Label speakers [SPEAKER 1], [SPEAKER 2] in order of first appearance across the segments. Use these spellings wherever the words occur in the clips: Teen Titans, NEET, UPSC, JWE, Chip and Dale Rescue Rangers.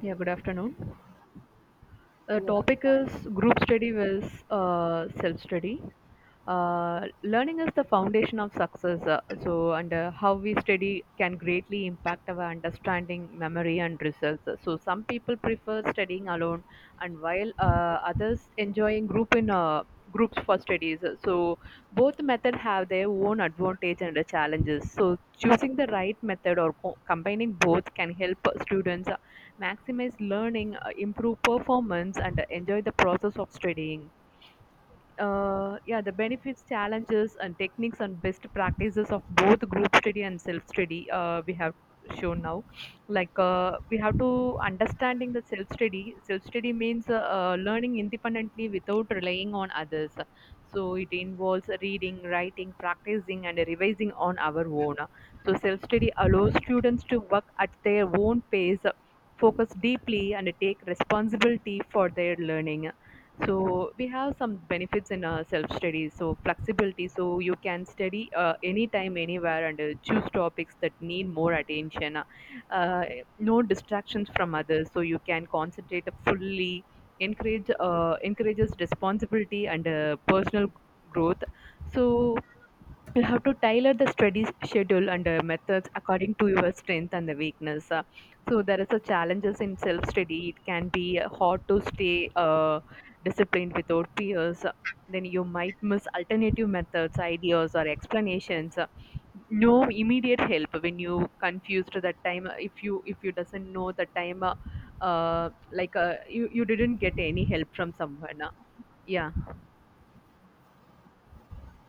[SPEAKER 1] Yeah, good afternoon. The
[SPEAKER 2] Yeah.
[SPEAKER 1] topic
[SPEAKER 2] Bye.
[SPEAKER 1] is group study versus self study. Learning is the foundation of success. So, and how we study can greatly impact our understanding, memory, and results. So, some people prefer studying alone, and while others enjoying group in groups for studies. So, both method have their own advantage and challenges. So, choosing the right method or combining both can help students maximize learning, improve performance, and enjoy the process of studying. Yeah, the benefits, challenges, and techniques and best practices of both group study and self study, we have shown now. Like we have to understanding the self study. Self study means learning independently without relying on others. So it involves reading, writing, practicing, and revising on our own. So self study allows students to work at their own pace, focus deeply, and take responsibility for their learning. So we have some benefits in self study. So flexibility, so you can study anytime anywhere and choose topics that need more attention. Uh, no distractions from others, so you can concentrate fully. Encourages responsibility and personal growth. So you'll have to tailor the study schedule and methods according to your strength and the weakness. So there is a challenges in self-study. It can be hard to stay disciplined without peers. Then you might miss alternative methods, ideas, or explanations. No immediate help when you confused that time. If you doesn't know the time, uh, like you didn't get any help from someone. Yeah.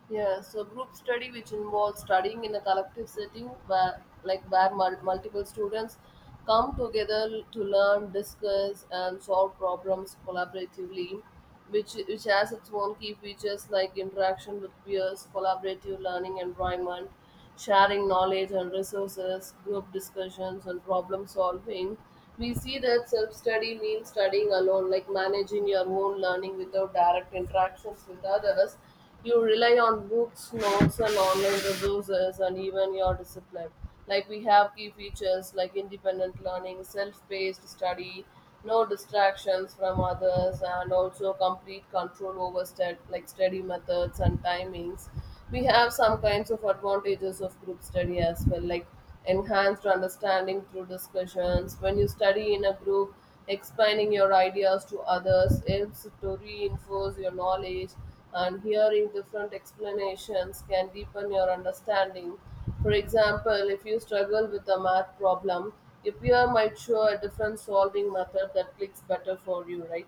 [SPEAKER 2] Yeah, so group study, which involves studying in a collective setting where, multiple students come together to learn, discuss, and solve problems collaboratively, which has its own key features like interaction with peers, collaborative learning environment, sharing knowledge and resources, group discussions, and problem solving. We see that self study means studying alone, like managing your own learning without direct interactions with others. You rely on books, notes, and online resources, and even your discipline. Like we have key features like independent learning, self-paced study, no distractions from others, and also complete control over like study methods and timings. We have some kinds of advantages of group study as well, like enhanced understanding through discussions. When you study in a group, explaining your ideas to others helps to reinforce your knowledge and hearing different explanations can deepen your understanding. For example, if you struggle with a math problem, a peer might show a different solving method that clicks better for you, right?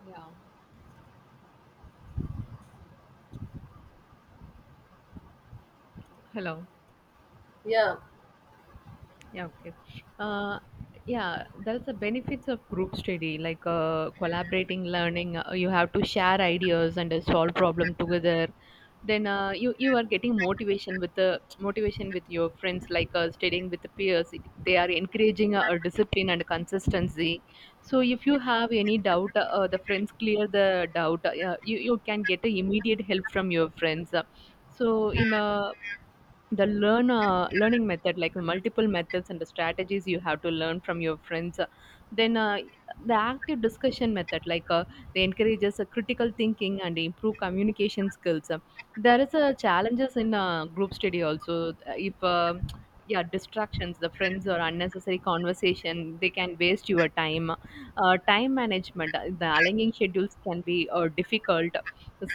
[SPEAKER 1] Yeah. Hello.
[SPEAKER 2] Yeah.
[SPEAKER 1] Yeah, okay. Uh, yeah, that's the benefits of group study, like collaborating, learning. You have to share ideas and solve problem together. Then you are getting motivation with the motivation with your friends, like studying with the peers. They are encouraging a discipline and consistency. So if you have any doubt, the friends clear the doubt. You can get a immediate help from your friends. So in a the learn learning method, like multiple methods and the strategies you have to learn from your friends, then the active discussion method, like they encourages critical thinking and improve communication skills. There is challenges in group study also. If yeah, distractions, the friends or unnecessary conversation, they can waste your time. Time management, the aligning schedules can be difficult.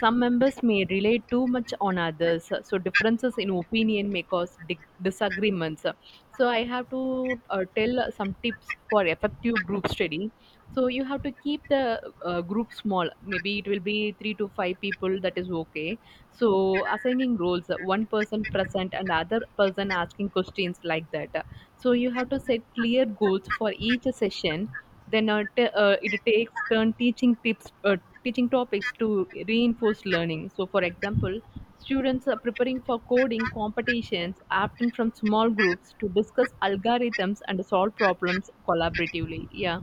[SPEAKER 1] Some members may rely too much on others, so differences in opinion may cause disagreements. So I have to tell some tips for effective group study. So you have to keep the group small. Maybe it will be three to five people. That is okay. So assigning roles, one person present and other person asking questions like that. So you have to set clear goals for each session. Then it takes turn teaching topics to reinforce learning. So for example, students are preparing for coding competitions, often from small groups, to discuss algorithms and solve problems collaboratively. Yeah.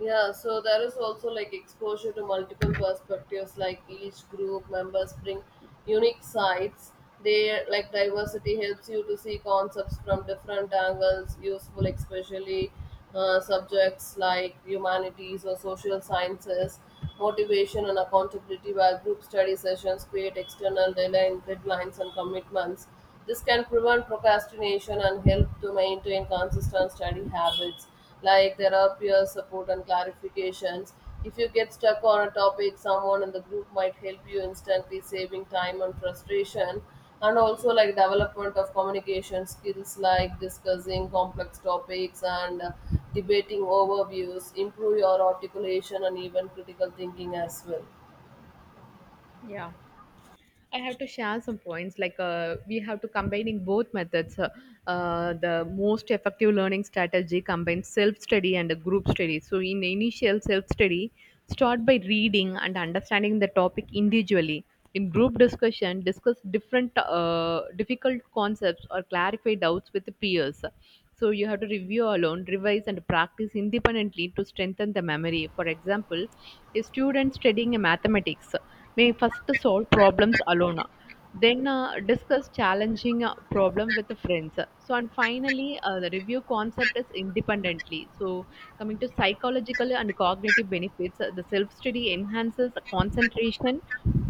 [SPEAKER 2] Yeah, so there is also like exposure to multiple perspectives, like each group members bring unique sides. They like diversity helps you to see concepts from different angles, useful especially subjects like humanities or social sciences. Motivation and accountability, while group study sessions create external deadline, deadlines and commitments. This can prevent procrastination and help to maintain consistent study habits like there are peer support and clarifications. If you get stuck on a topic, someone in the group might help you instantly, saving time and frustration. And also, like development of communication skills, like discussing complex topics and debating overviews, improve your articulation and even critical thinking as well.
[SPEAKER 1] Yeah. I have to share some points. Like we have to combining both methods. The most effective learning strategy combines self study and a group study. So in initial self study, start by reading and understanding the topic individually. In group discussion, discuss different difficult concepts or clarify doubts with the peers. So you have to review alone, revise and practice independently to strengthen the memory. For example, a student studying a mathematics may first solve problems alone, then discuss challenging problem with the friends, so and finally the review concept is independently. So coming to psychological and cognitive benefits, the self study enhances concentration,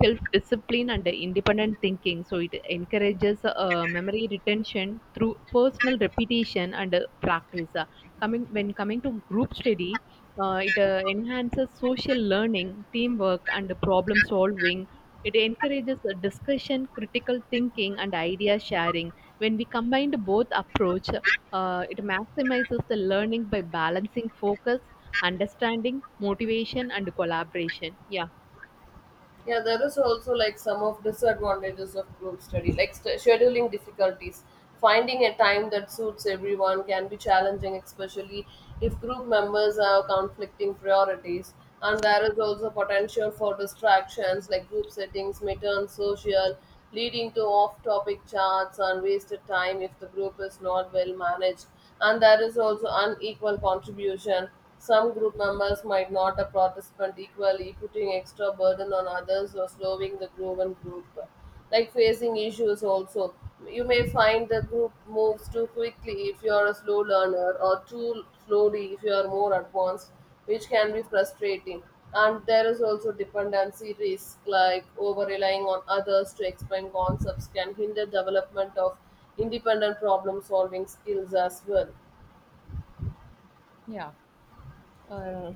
[SPEAKER 1] self discipline and the independent thinking. So it encourages memory retention through personal repetition and practice. Coming when coming to group study, it enhances social learning, teamwork, and problem solving. It encourages the discussion, critical thinking, and idea sharing. When we combine the both approach, it maximizes the learning by balancing focus, understanding, motivation, and collaboration. Yeah.
[SPEAKER 2] Yeah, there is also like some of disadvantages of group study, like scheduling difficulties. Finding a time that suits everyone can be challenging, especially if group members have conflicting priorities. And there is also potential for distractions, like group settings may turn social, leading to off topic chats and wasted time if the group is not well managed. And there is also unequal contribution. Some group members might not a participant equally, putting extra burden on others or slowing the grown group. Like facing issues also. You may find the group moves too quickly if you are a slow learner or too slowly if you are more advanced, which can be frustrating. And there is also dependency risk, like over relying on others to explain concepts can hinder development of independent problem solving skills as well.
[SPEAKER 1] Yeah. Uh,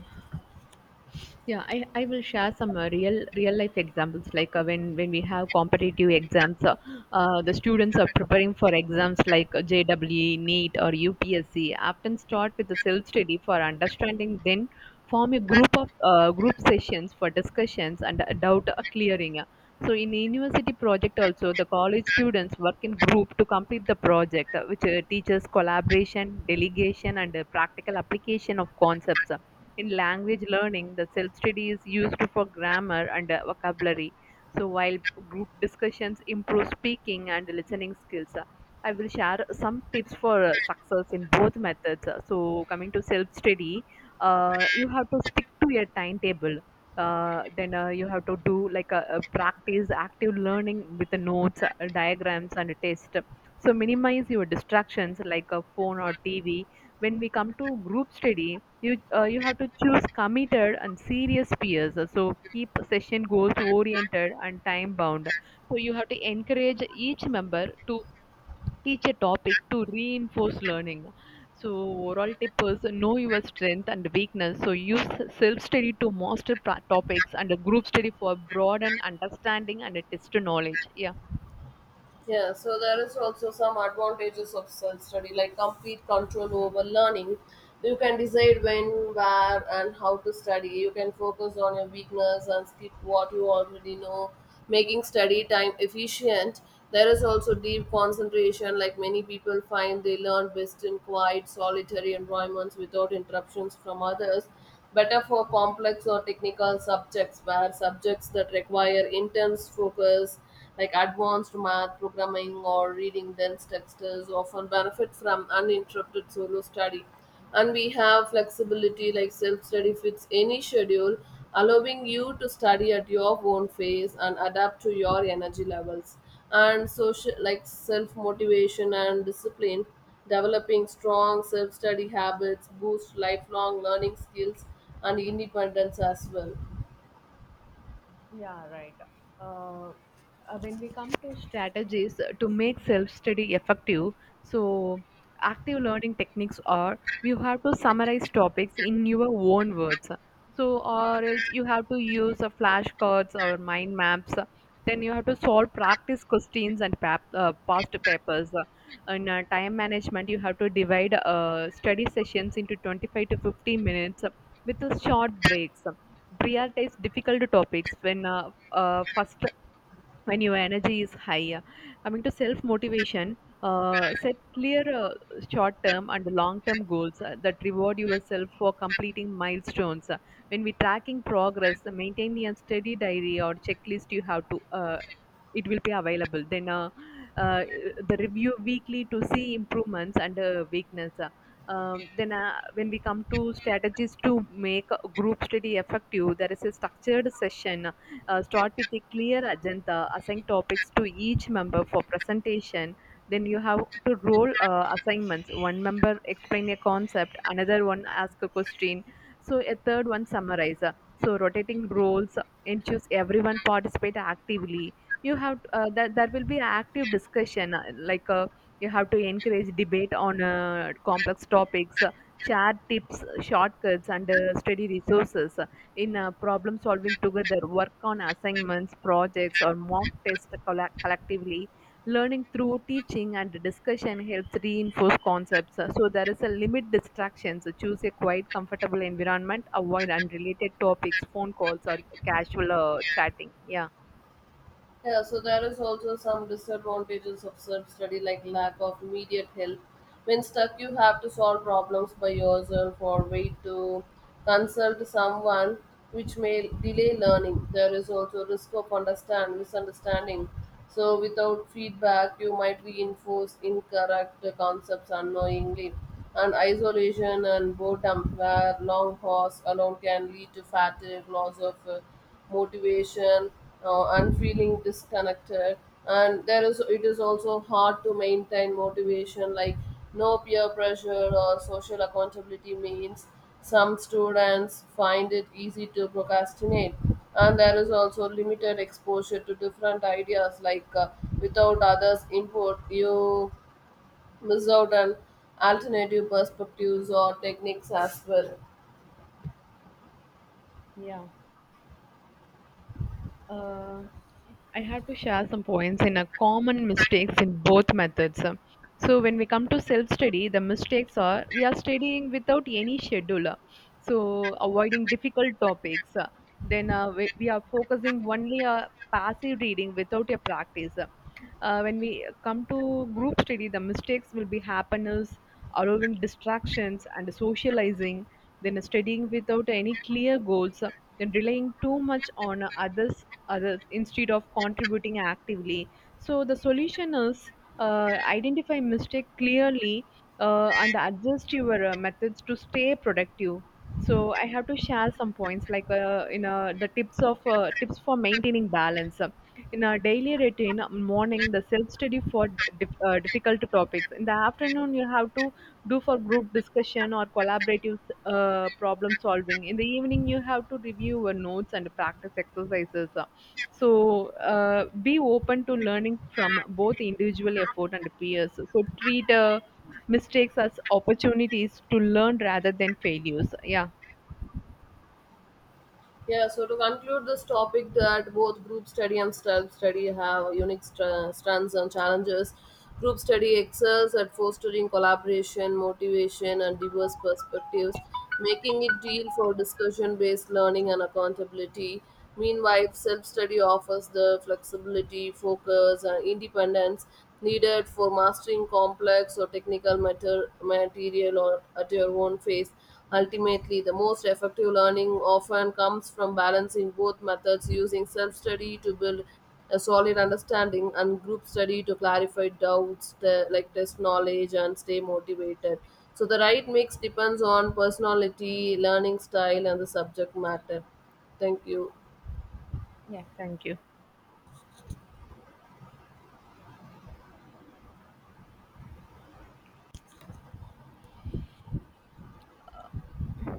[SPEAKER 1] Yeah, I will share some real life examples, like when we have competitive exams, the students are preparing for exams like JWE, NEET, or UPSC. Often start with the self study for understanding, then form a group of group sessions for discussions and doubt clearing. So in university project also, the college students work in group to complete the project, which teaches collaboration, delegation, and practical application of concepts. In language learning, the self study is used for grammar and vocabulary. So, while group discussions improve speaking and listening skills, I will share some tips for success in both methods. So, coming to self study, you have to stick to your timetable. Then you have to do like a practice active learning with the notes, diagrams, and test. So minimize your distractions like a phone or TV. When we come to group study, you have to choose committed and serious peers, so keep session goals oriented and time bound. So you have to encourage each member to teach a topic to reinforce learning. So overall tip is know your strength and weakness, so use self study to master topics and group study for broaden understanding and a test knowledge. Yeah.
[SPEAKER 2] Yeah, so there is also some advantages of self study like complete control over learning. You can decide when, where, and how to study. You can focus on your weakness and skip what you already know, making study time efficient. There is also deep concentration, like many people find they learn best in quiet, solitary environments without interruptions from others. Better for complex or technical subjects where subjects that require intense focus like advanced math programming or reading dense texts often benefit from uninterrupted solo study. And we have flexibility like self study fits any schedule, allowing you to study at your own pace and adapt to your energy levels, and social like self motivation and discipline. Developing strong self study habits boosts lifelong learning skills and independence as well.
[SPEAKER 1] Yeah, right. Uh, when we come to strategies to make self study effective, so active learning techniques are you have to summarize topics in your own words. So, or else you have to use flashcards or mind maps. Then you have to solve practice questions and past papers. In time management, you have to divide study sessions into 25 to 50 minutes with short breaks. Prioritize difficult topics when your energy is high. Coming to self motivation, set clear short term and long term goals, that reward yourself for completing milestones. When we tracking progress, maintain a steady diary or checklist. You have to it will be available. Then uh, the review weekly to see improvements and weakness. Then when we come to strategies to make a group study effective, there is a structured session. Start with a clear agenda, assign topics to each member for presentation. Then you have to roll assignments, one member explain a concept, another one ask a question, so a third one summarize. So rotating roles ensures everyone participate actively. You have that there will be active discussion, like you have to encourage debate on complex topics, share tips shortcuts and study resources. In problem solving together, work on assignments projects or mock tests collectively. Learning through teaching and discussion helps reinforce concepts. So there is a limit distractions. So choose a quiet comfortable environment, avoid unrelated topics, phone calls or casual chatting. Yeah.
[SPEAKER 2] Yeah, so there is also some disadvantages of self-study like lack of immediate help. When stuck, you have to solve problems by yourself or wait to consult someone, which may delay learning. There is also risk of understand misunderstanding. So without feedback, you might reinforce incorrect concepts unknowingly. And isolation and boredom, where long pause alone can lead to fatigue, loss of motivation, and feeling disconnected. And there is it is also hard to maintain motivation like no peer pressure or social accountability means some students find it easy to procrastinate. And there is also limited exposure to different ideas like without others input you miss out on alternative perspectives or techniques as well.
[SPEAKER 1] Yeah. Uh, I have to share some points in a common mistakes in both methods. So when we come to self-study, the mistakes are we are studying without any schedule, so avoiding difficult topics. Then we are focusing only a passive reading without a practice. When we come to group study, the mistakes will be happiness, allowing distractions and socializing, then studying without any clear goals, then relying too much on others instead of contributing actively. So the solution is identify mistake clearly, and adjust your methods to stay productive. So I have to share some points like, you know, the tips for maintaining balance. In our daily routine, morning the self study for difficult topics. In the afternoon you have to do for group discussion or collaborative problem solving. In the evening you have to review your notes and practice exercises. So uh, be open to learning from both individual effort and peers, so treat mistakes as opportunities to learn rather than failures. Yeah.
[SPEAKER 2] Yeah, so to conclude this topic, that both group study and self study have unique strengths and challenges. Group study excels at fostering collaboration, motivation, and diverse perspectives, making it deal for discussion based learning and accountability. Meanwhile, self study offers the flexibility, focus, and independence needed for mastering complex or technical material or at your own pace. Ultimately, the most effective learning often comes from balancing both methods, using self study to build a solid understanding and group study to clarify doubts, like test knowledge, and stay motivated. So, the right mix depends on personality, learning style, and the subject matter. Thank you.
[SPEAKER 1] Yeah. Thank you.